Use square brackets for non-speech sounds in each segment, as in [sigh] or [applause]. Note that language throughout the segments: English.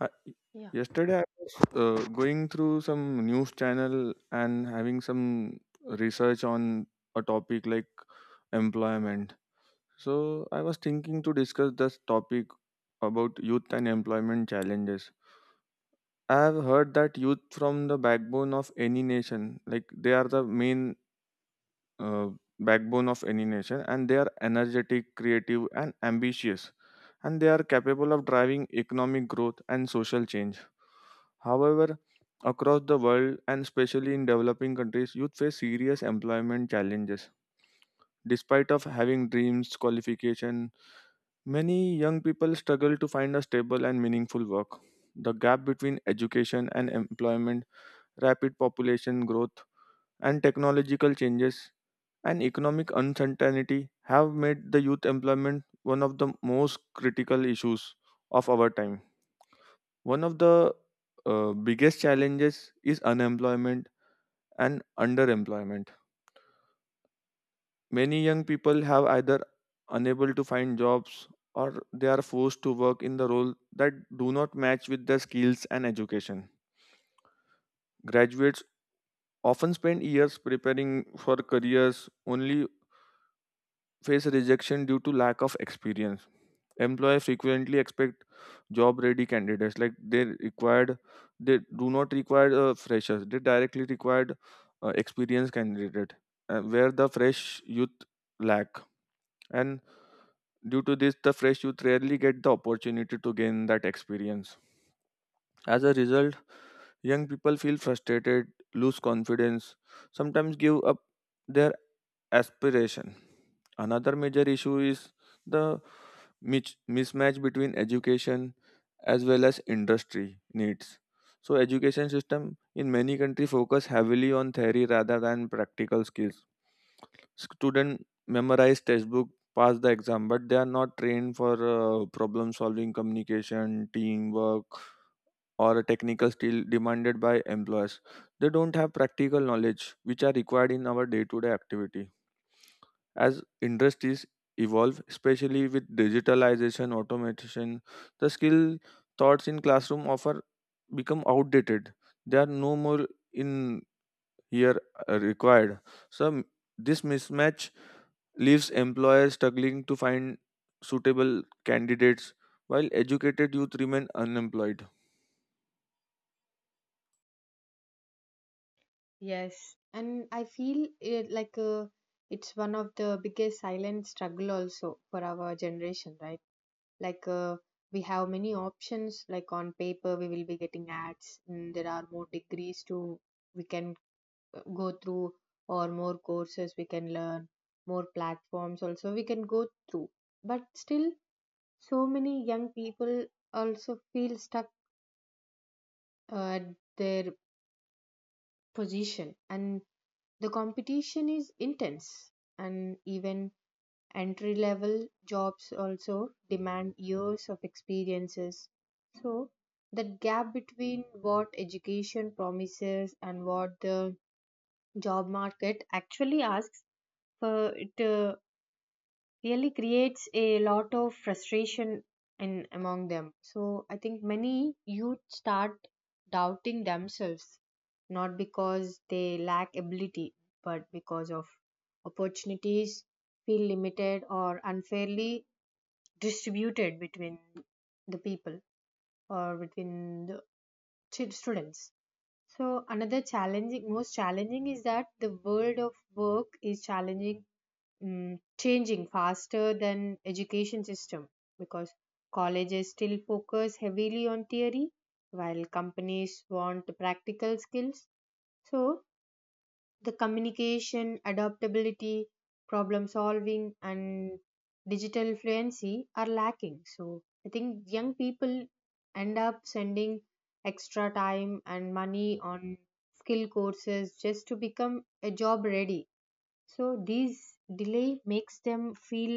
I, Yeah. Yesterday I was going through some news channel and having some research on a topic like employment. So I was thinking to discuss this topic about youth and employment challenges. I have heard that youth from the backbone of any nation, like they are the main uh, backbone of any nation, and they are energetic, creative, and ambitious and they are capable of driving economic growth and social change. However, across the world and especially in developing countries, youth face serious employment challenges. Despite of having dreams, qualification, many young people struggle to find a stable and meaningful work. The gap between education and employment, rapid population growth, and technological changes and economic uncertainty have made the youth employment one of the most critical issues of our time. One of the biggest challenges is unemployment and underemployment. Many young people have either unable to find jobs or they are forced to work in the role that do not match with their skills and education. Graduates often spend years preparing for careers only face rejection due to lack of experience. Employers frequently expect job ready candidates like they do not require freshers, they directly required experienced candidate where the fresh youth lack, and due to this the fresh youth rarely get the opportunity to gain that experience. As a result, young people feel frustrated, lose confidence, sometimes give up their aspiration. Another major issue is the mismatch between education as well as industry needs. So education system in many countries focus heavily on theory rather than practical skills. Student memorize textbook, pass the exam, but they are not trained for problem solving, communication, teamwork, or a technical skill demanded by employers. They don't have practical knowledge which are required in our day-to-day activity. As industries evolve, especially with digitalization, automation, the skill thoughts in classroom offer become outdated. They are no more in here required. So m- this mismatch leaves employers struggling to find suitable candidates while educated youth remain unemployed. Yes. And I feel it like it's one of the biggest silent struggle also for our generation, right? Like we have many options. Like on paper, we will be getting ads. And there are more degrees to we can go through, or more courses we can learn, more platforms also we can go through. But still, so many young people also feel stuck at their position and. The competition is intense, and even entry level jobs also demand years of experiences. So, that gap between what education promises and what the job market actually asks for it really creates a lot of frustration in among them. So I think many youth start doubting themselves, not because they lack ability, but because of opportunities feel limited or unfairly distributed between the people, or between the students. So another challenging, most challenging, is that the world of work is challenging, changing faster than education system, because colleges still focus heavily on theory while companies want practical skills. So the communication adaptability, problem solving, and digital fluency are lacking. So I think young people end up sending extra time and money on skill courses just to become a job ready. So these delay makes them feel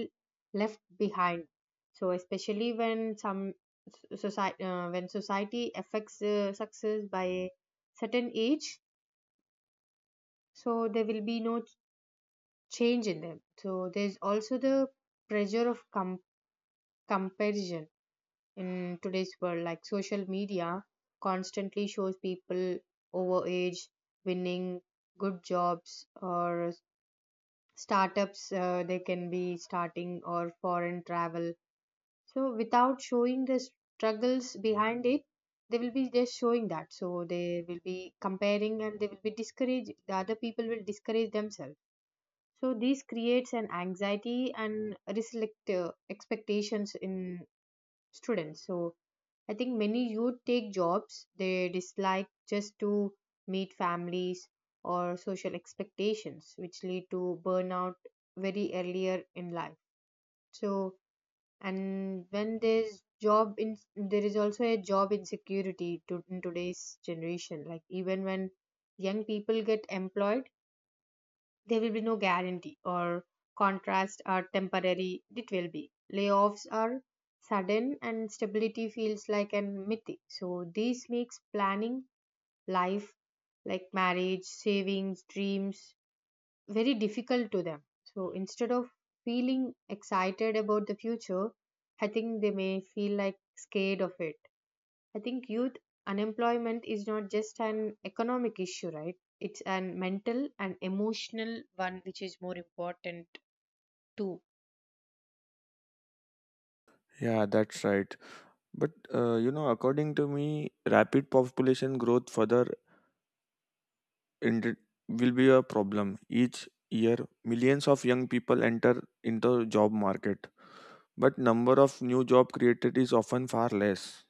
left behind. So especially when some society when society affects success by certain age, so there will be no change in them. So there's also the pressure of comparison in today's world, like social media constantly shows people over age winning good jobs or startups, they can be starting, or foreign travel. So without showing the struggles behind it, they will be just showing that. So they will be comparing, and they will be discouraged, the other people will discourage themselves. So this creates an anxiety and reselect expectations in students. So I think many youth take jobs they dislike just to meet families or social expectations, which lead to burnout very earlier in life. So, and when there's job in, there is also a job insecurity to in today's generation. Like even when young people get employed, there will be no guarantee or contrast or temporary. It will be, layoffs are sudden, and stability feels like an mythic. So this makes planning life, like marriage, savings, dreams, very difficult to them. So instead of feeling excited about the future, I think they may feel like scared of it. I think youth unemployment is not just an economic issue, right? It's an mental and emotional one, which is more important too. Yeah, that's right. But you know, according to me, rapid population growth further ind- will be a problem. Each year, millions of young people enter into job market, but number of new job created is often far less.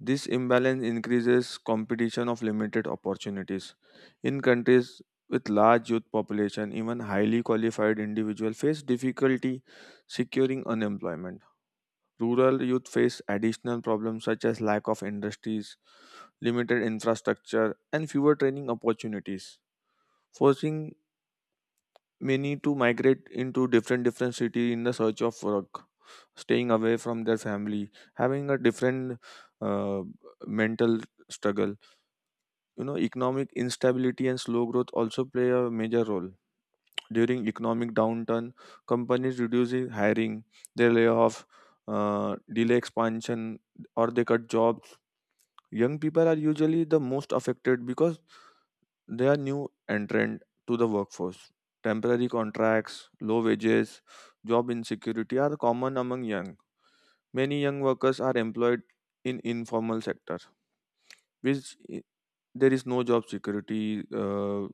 This imbalance increases competition of limited opportunities. In countries with large youth population, even highly qualified individuals face difficulty securing unemployment. Rural youth face additional problems such as lack of industries, limited infrastructure, and fewer training opportunities, forcing many to migrate into different different cities in the search of work, staying away from their family, having a different uh, mental struggle. You know, economic instability and slow growth also play a major role. During economic downturn, companies reduce hiring, they lay off, delay expansion, or they cut jobs. Young people are usually the most affected because they are new entrant to the workforce. Temporary contracts, low wages, job insecurity are common among young. Many young workers are employed in informal sector, which i- there is no job security, uh,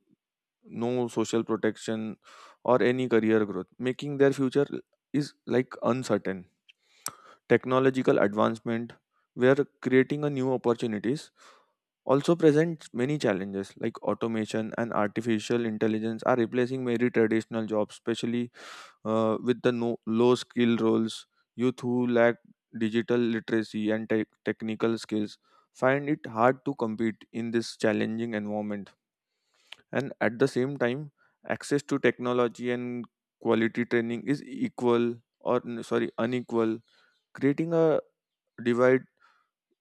no social protection, or any career growth, making their future is like uncertain. Technological advancement, we are creating a new opportunities also presents many challenges like automation and artificial intelligence are replacing many traditional jobs, especially with the low skill roles. Youth who lack digital literacy and tech technical skills find it hard to compete in this challenging environment, and at the same time access to technology and quality training is equal or sorry, unequal, creating a divide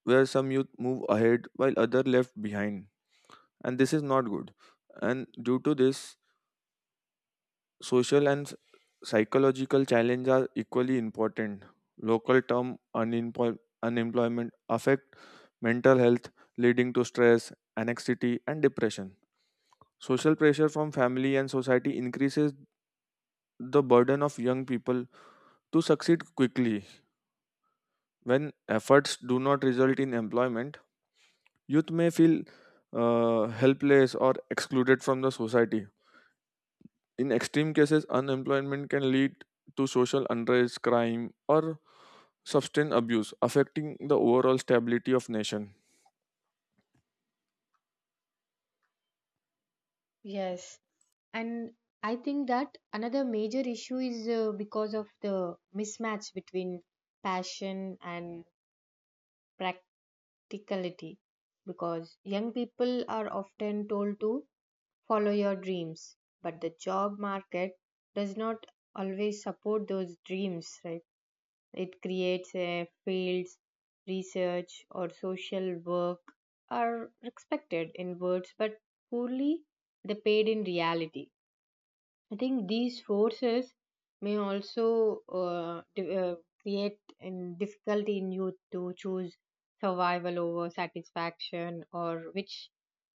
where some youth move ahead while other left behind, and this is not good. And due to this, social and psychological challenges are equally important. Local term unemploy- unemployment affect mental health, leading to stress, anxiety and depression. Social pressure from family and society increases the burden of young people to succeed quickly. When efforts do not result in employment, youth may feel helpless or excluded from the society. In extreme cases, unemployment can lead to social unrest, crime, or substance abuse, affecting the overall stability of nation. Yes. And I think that another major issue is because of the mismatch between passion and practicality. Because young people are often told to follow your dreams, but the job market does not always support those dreams, right? It creates a fields, research, or social work are respected in words but poorly they paid in reality. I think these forces may also create in difficulty in youth to choose survival over satisfaction, or which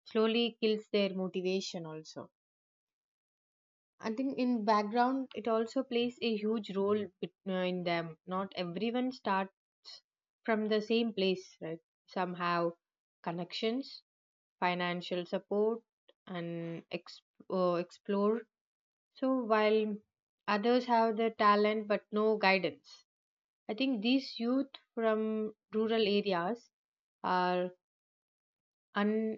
slowly kills their motivation also. I think in background it also plays a huge role in them. Not everyone starts from the same place, right? Somehow, connections, financial support, and explore. So while others have the talent but no guidance, I think these youth from rural areas are un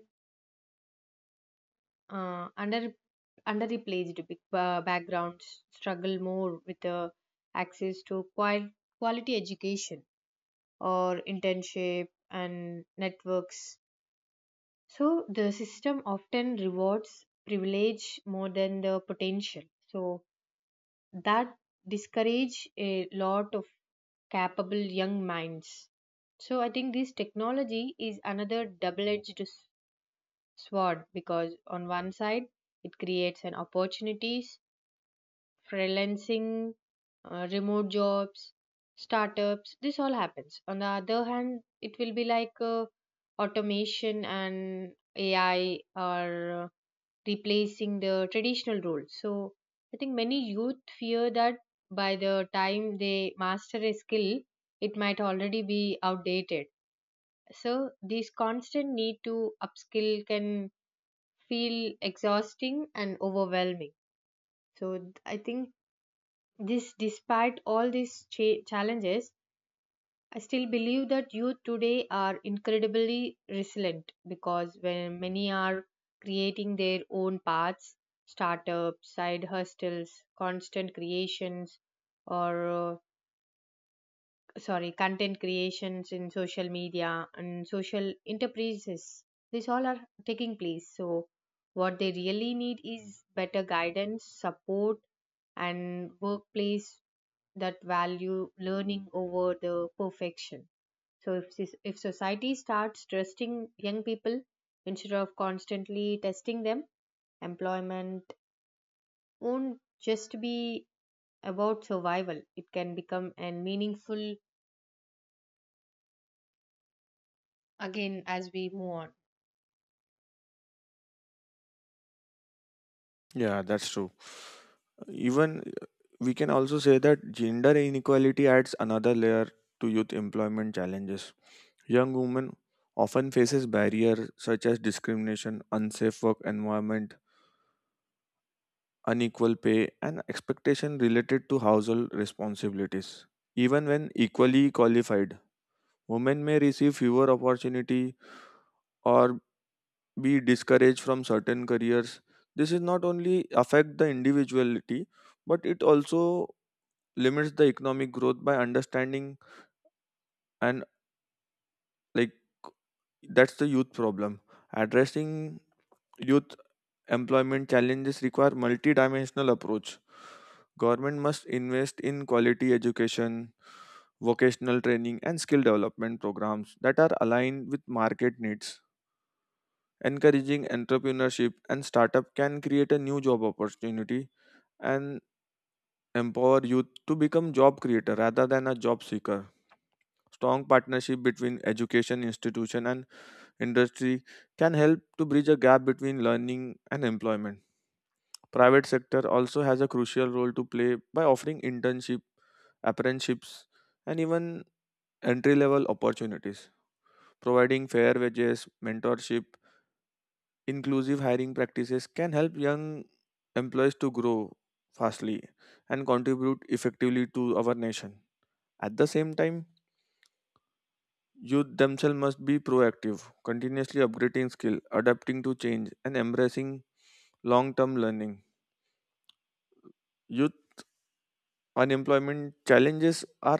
under underreplaced big- backgrounds struggle more with access to quality education or internship and networks. So the system often rewards privilege more than the potential. So that discourage a lot of capable young minds. So I think this technology is another double-edged sword, because on one side it creates an opportunities freelancing, remote jobs, startups, this all happens. On the other hand, it will be like automation and AI are replacing the traditional roles. So I think many youth fear that by the time they master a skill, it might already be outdated. So this constant need to upskill can feel exhausting and overwhelming. So I think this, despite all these challenges, I still believe that youth today are incredibly resilient, because when many are creating their own paths, startups, side hustles, constant creations, or sorry content creations in social media and social enterprises, these all are taking place. So what they really need is better guidance support and workplace that value learning over the perfection. So if, if society starts trusting young people instead of constantly testing them, employment won't just be about survival. It can become and meaningful again as we move on. Yeah, that's true. Even we can also say that gender inequality adds another layer to youth employment challenges. Young women often faces barriers such as discrimination, unsafe work environment, unequal pay, and expectation related to household responsibilities. Even when equally qualified, women may receive fewer opportunity or be discouraged from certain careers. This is not only affect the individuality, but it also limits the economic growth by understanding and like that's the youth problem. Addressing youth employment challenges require multidimensional approach. Government must invest in quality education, vocational training, and skill development programs that are aligned with market needs. Encouraging entrepreneurship and startup can create a new job opportunity and empower youth to become job creator rather than a job seeker. Strong partnership between education institution and industry can help to bridge a gap between learning and employment. Private sector also has a crucial role to play by offering internship, apprenticeships, and even entry level opportunities, providing fair wages, mentorship. Inclusive hiring practices can help young employees to grow fastly and contribute effectively to our nation. At the same time, youth themselves must be proactive, continuously upgrading skill, adapting to change, and embracing long-term learning. Youth unemployment challenges are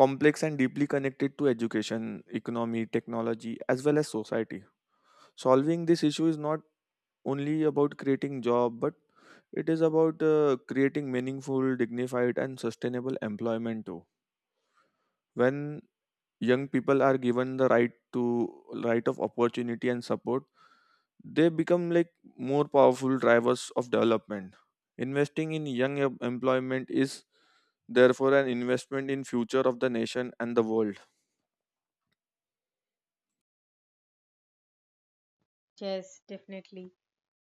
complex and deeply connected to education, economy, technology, as well as society. Solving this issue is not only about creating job, but it is about creating meaningful, dignified and sustainable employment too. When young people are given the right of opportunity and support, they become like more powerful drivers of development. Investing in young employment is therefore an investment in future of the nation and the world. Yes, definitely.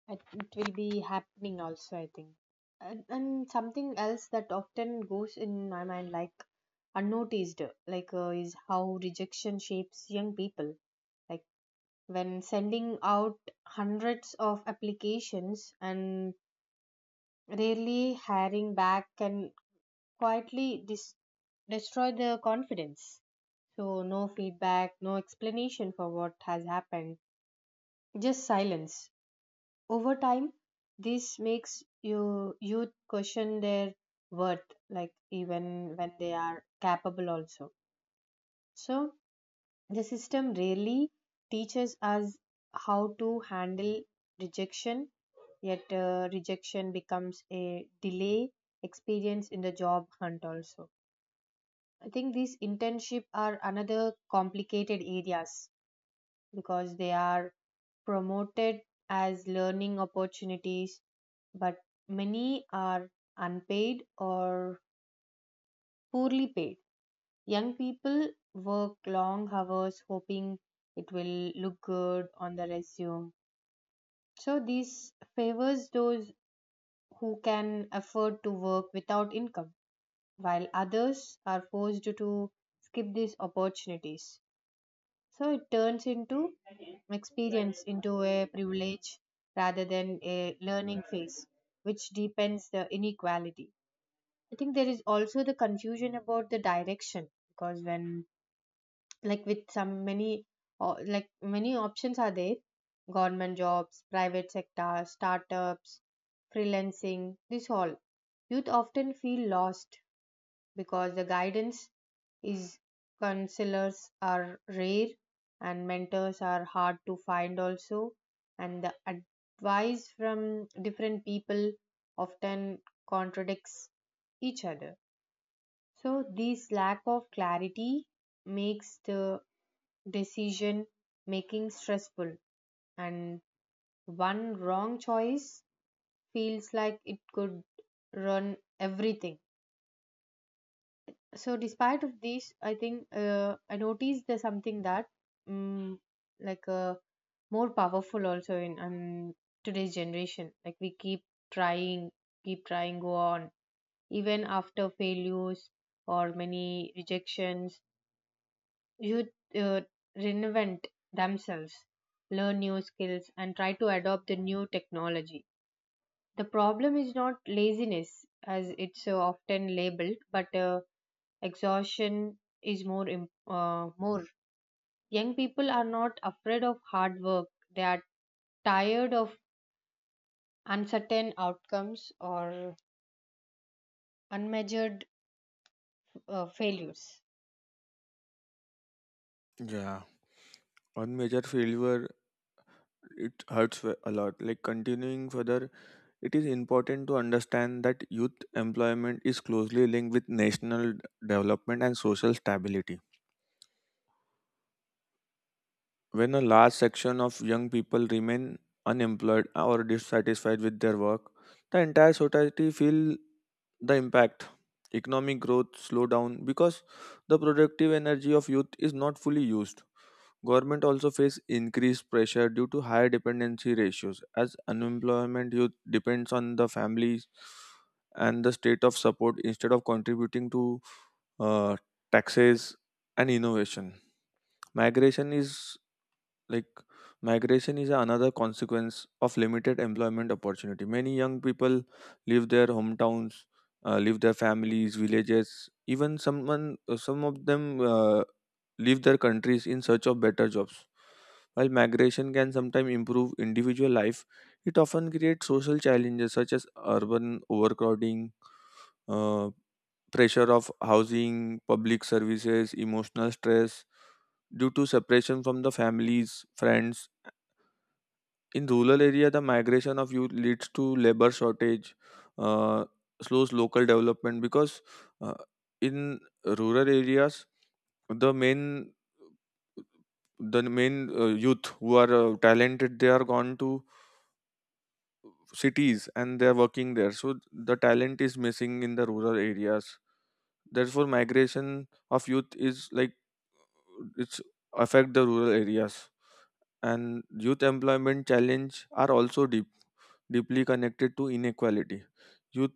It will be happening also, I think. And something else that often goes in my mind, like unnoticed, like is how rejection shapes young people. Like when sending out hundreds of applications and rarely hiring back can quietly destroy the confidence. So no feedback, no explanation for what has happened, just silence. Over time this makes you youth question their worth, like even when they are capable also. So the system really teaches us how to handle rejection, yet rejection becomes a delay experience in the job hunt also. I think these internship are another complicated areas, because they are promoted as learning opportunities, but many are unpaid or poorly paid. Young people work long hours hoping it will look good on the resume. So, this favors those who can afford to work without income, while others are forced to skip these opportunities. So, it turns into experience into a privilege rather than a learning phase, which deepens the inequality. I think there is also the confusion about the direction, because when, like with some many, or like many options are there, government jobs, private sector, startups, freelancing, this all, youth often feel lost, because the guidance is, counselors are rare, and mentors are hard to find also, and the advice from different people often contradicts each other. So this lack of clarity makes the decision making stressful, and one wrong choice feels like it could run everything. So despite of this, I think I noticed there's something that um, like uh, more powerful also in today's generation. Like we trying, keep trying, go on even after failures or many rejections. Youth uh, reinvent themselves, learn new skills, and try to adopt the new technology. The problem is not laziness, as it's often labeled, but exhaustion is more. More young people are not afraid of hard work. They are tired of uncertain outcomes or unmeasured failures. Yeah, one major failure, it hurts a lot like continuing further. It is important to understand that youth employment is closely linked with national development and social stability. When a large section of young people remain unemployed or dissatisfied with their work, the entire society feel the impact. Economic growth slow down because the productive energy of youth is not fully used. Government also face increased pressure due to higher dependency ratios as unemployment youth depends on the families and the state of support instead of contributing to uh, taxes and innovation. Migration is like Migration is another consequence of limited employment opportunity. Many young people leave their hometowns, leave their families, villages, even someone, some of them uh, leave their countries in search of better jobs. While migration can sometimes improve individual life, it often creates social challenges such as urban overcrowding, uh, pressure of housing, public services, emotional stress due to separation from the families, friends. In rural area, the migration of youth leads to labor shortage, uh, slows local development, because uh, in rural areas, the main the main youth who are talented, they are gone to cities and they are working there, so the talent is missing in the rural areas. Therefore, migration of youth is like it's affect the rural areas. And youth employment challenge are also deeply connected to inequality. Youth,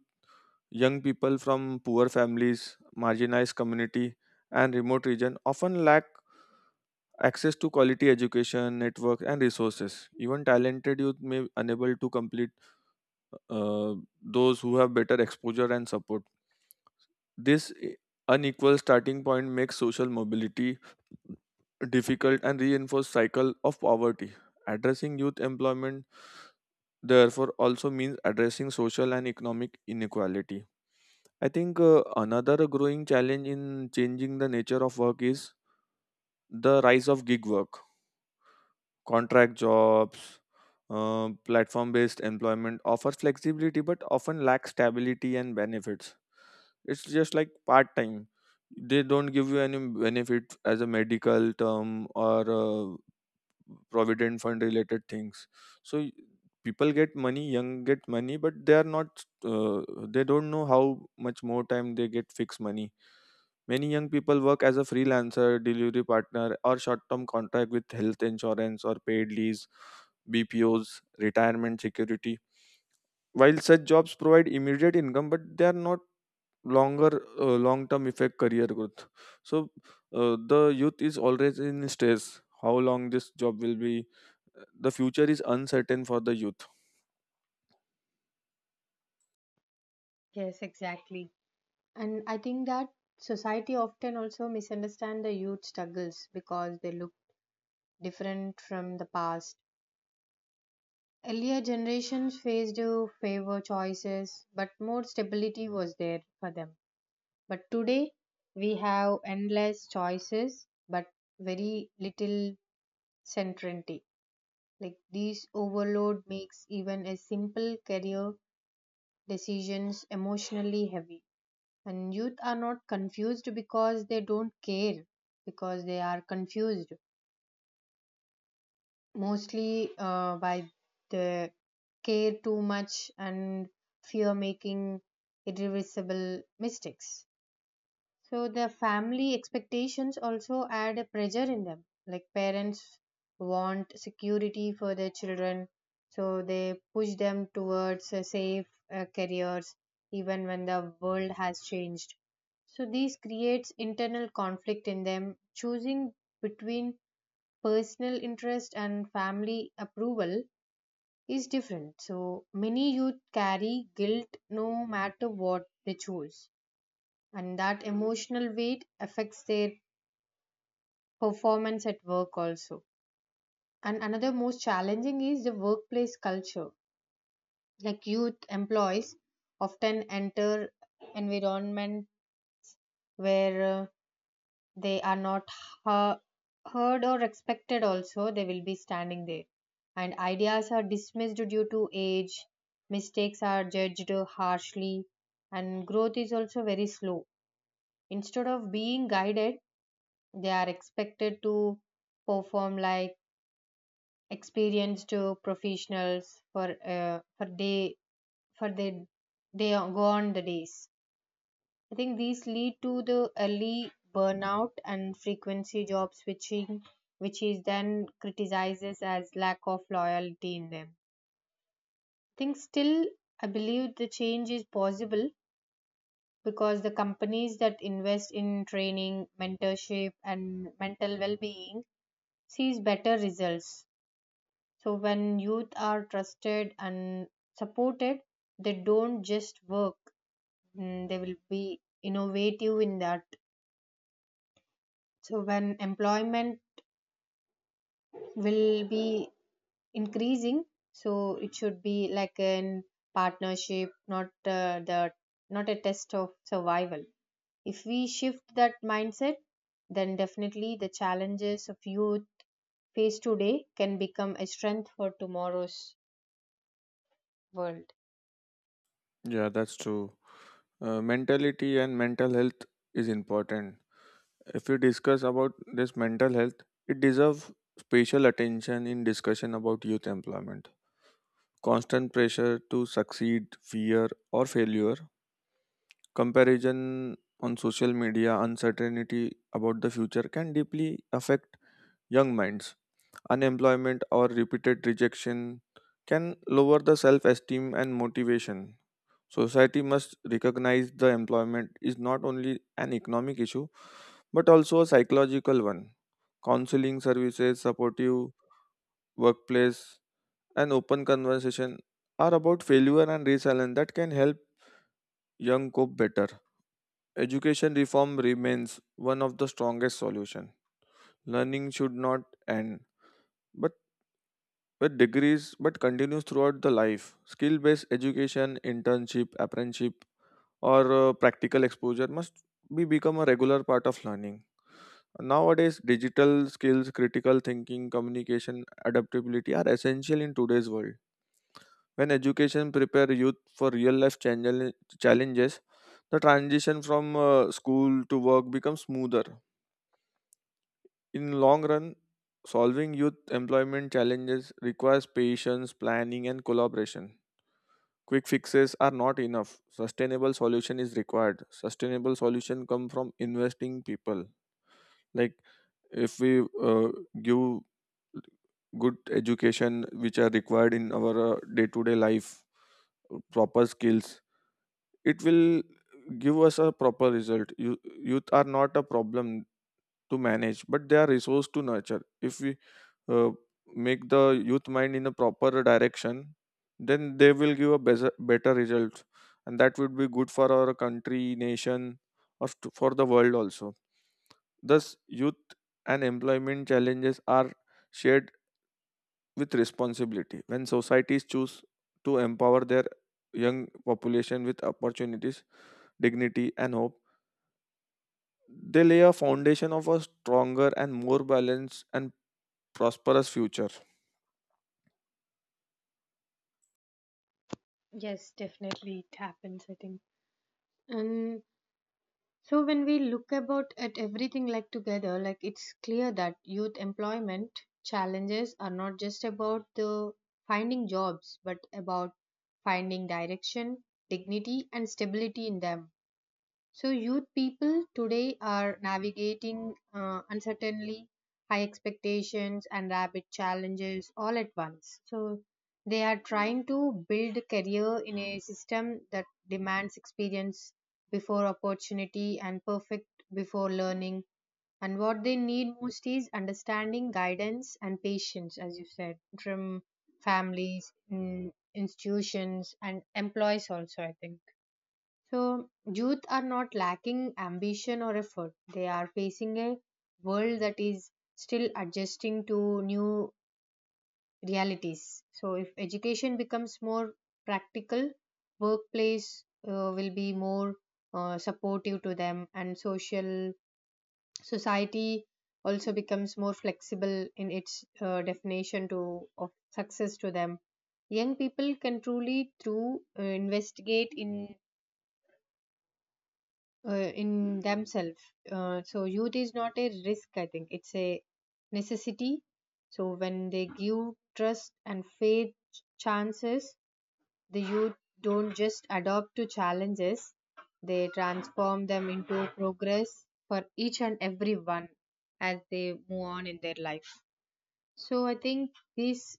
Young people from poor families, marginalized community, and remote region often lack access to quality education, network, and resources. Even talented youth may unable to complete uh, those who have better exposure and support. This i- Unequal starting point makes social mobility difficult and reinforces cycle of poverty. Addressing youth employment therefore also means addressing social and economic inequality. I think another growing challenge in changing the nature of work is the rise of gig work, contract jobs. Platform based employment offers flexibility but often lack stability and benefits, it's just like part time. They don't give you any benefit as a medical term or provident fund related things. So y- People get money, young get money, but they are not. They don't know how much more time they get fixed money. Many young people work as a freelancer, delivery partner, or short term contract with health insurance or paid leaves, BPOs, retirement security. While such jobs provide immediate income, but they are not longer long term effect career growth. So the youth is always in stress how long this job will be. The future is uncertain for the youth. Yes, exactly. And I think that society often also misunderstand the youth struggles because they look different from the past. Earlier generations faced favor choices, but more stability was there for them. But today, we have endless choices, but very little certainty. Like this overload makes even a simple career decisions emotionally heavy. And youth are not confused because they don't care, because they are confused mostly by the care too much and fear making irreversible mistakes. So the family expectations also add a pressure in them. Like parents want security for their children, so they push them towards a safe careers even when the world has changed. So this creates internal conflict in them. Choosing between personal interest and family approval is different. So many youth carry guilt no matter what they choose, and that emotional weight affects their performance at work also. And another most challenging is the workplace culture. Like youth employees often enter environment where they are not uh, heard or respected, also they will be standing there, and ideas are dismissed due to age, mistakes are judged harshly, and growth is also very slow. Instead of being guided, they are expected to perform like experienced professionals for day for their they go on the days. I think these lead to the early burnout and frequency job switching, which is then criticizes as lack of loyalty in them. I think still, I believe the change is possible, because the companies that invest in training, mentorship, and mental well-being sees better results. So when youth are trusted and supported, they don't just work; they will be innovative in that. So when employment will be increasing, so it should be like an partnership, not the not a test of survival. If we shift that mindset, then definitely the challenges of youth face today can become a strength for tomorrow's world. Yeah, that's true. Mentality and mental health is important. If we discuss about this mental health, it deserves special attention in discussion about youth employment. Constant pressure to succeed, fear or failure, comparison on social media, uncertainty about the future can deeply affect young minds. Unemployment or repeated rejection can lower the self esteem and motivation. Society must recognize the employment is not only an economic issue but also a psychological one. Counseling services, supportive workplace, and open conversation are about failure and resilience that can help young cope better. Education reform remains one of the strongest solutions. Learning should not end, but with degrees, but continues throughout the life. Skill-based education, internship, apprenticeship, or practical exposure must be become a regular part of learning. Nowadays, digital skills, critical thinking, communication, adaptability are essential in today's world. When education prepare youth for challenges, the transition from school to work becomes smoother. In long run, solving youth employment challenges requires patience, planning and collaboration. Quick fixes are not enough. Sustainable solution is required. Sustainable solution come from investing people. Like if we give good education which are required in our day to day life, proper skills, it will give us a proper result. You, youth are not a problem to manage, but they are resource to nurture. If we uh, make the youth mind in a proper direction, then they will give a better result, and that would be good for our country nation or to, for the world also. Thus youth and employment challenges are shared with responsibility. When societies choose to empower their young population with opportunities, dignity, and hope, they lay a foundation of a stronger and more balanced and prosperous future. Yes, definitely it happens, I think. And so when we look about at everything like together, like it's clear that youth employment challenges are not just about the finding jobs, but about finding direction, dignity, and stability in them. So youth people today are navigating uncertainty, high expectations, and rapid challenges all at once. So they are trying to build a career in a system that demands experience before opportunity and perfect before learning. And what they need most is understanding, guidance, and patience, as you said, from families, institutions, and employees also, I think. So, youth are not lacking ambition or effort. They are facing a world that is still adjusting to new realities. So, if education becomes more practical, workplace will be more supportive to them, and social society also becomes more flexible in its definition to of success to them. Young people can truly through investigate uh, in themselves. So youth is not a risk, I think. It's a necessity. So when they give trust and faith chances, the youth don't just adopt to challenges, they transform them into progress for each and every one as they move on in their life. So I think this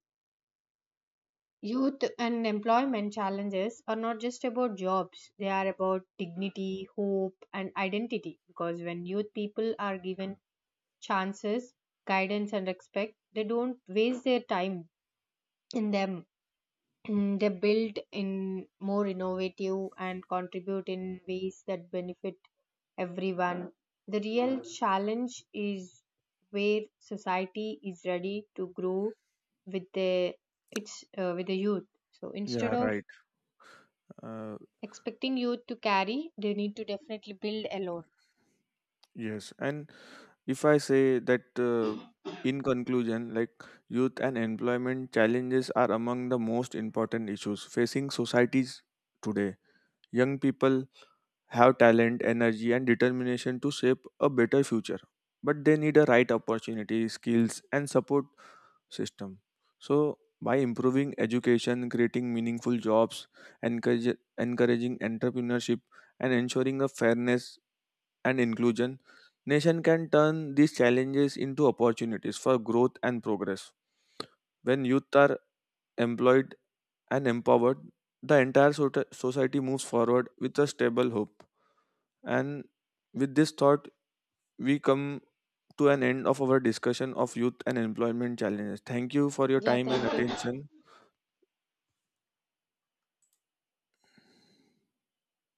youth unemployment challenges are not just about jobs, they are about dignity, hope, and identity. Because when youth people are given chances, guidance, and respect, they don't waste their time in them. [clears throat] They build in more innovative and contribute in ways that benefit everyone. The real challenge is where society is ready to grow with the, with the youth. So instead Yeah, of right. Uh, expecting you to carry, they need to definitely build alone. yes. And if I say that in conclusion, like youth and employment challenges are among the most important issues facing societies today. Young people have talent, energy, and determination to shape a better future, but they need a right opportunity, skills, and support system. So, by improving education, creating meaningful jobs, encouraging entrepreneurship, and ensuring a fairness and inclusion, nation can turn these challenges into opportunities for growth and progress. When youth are employed and empowered, the entire society moves forward with a stable hope. And with this thought, we come to an end of our discussion of youth and employment challenges. Thank you for your Yeah, time and thank you. attention.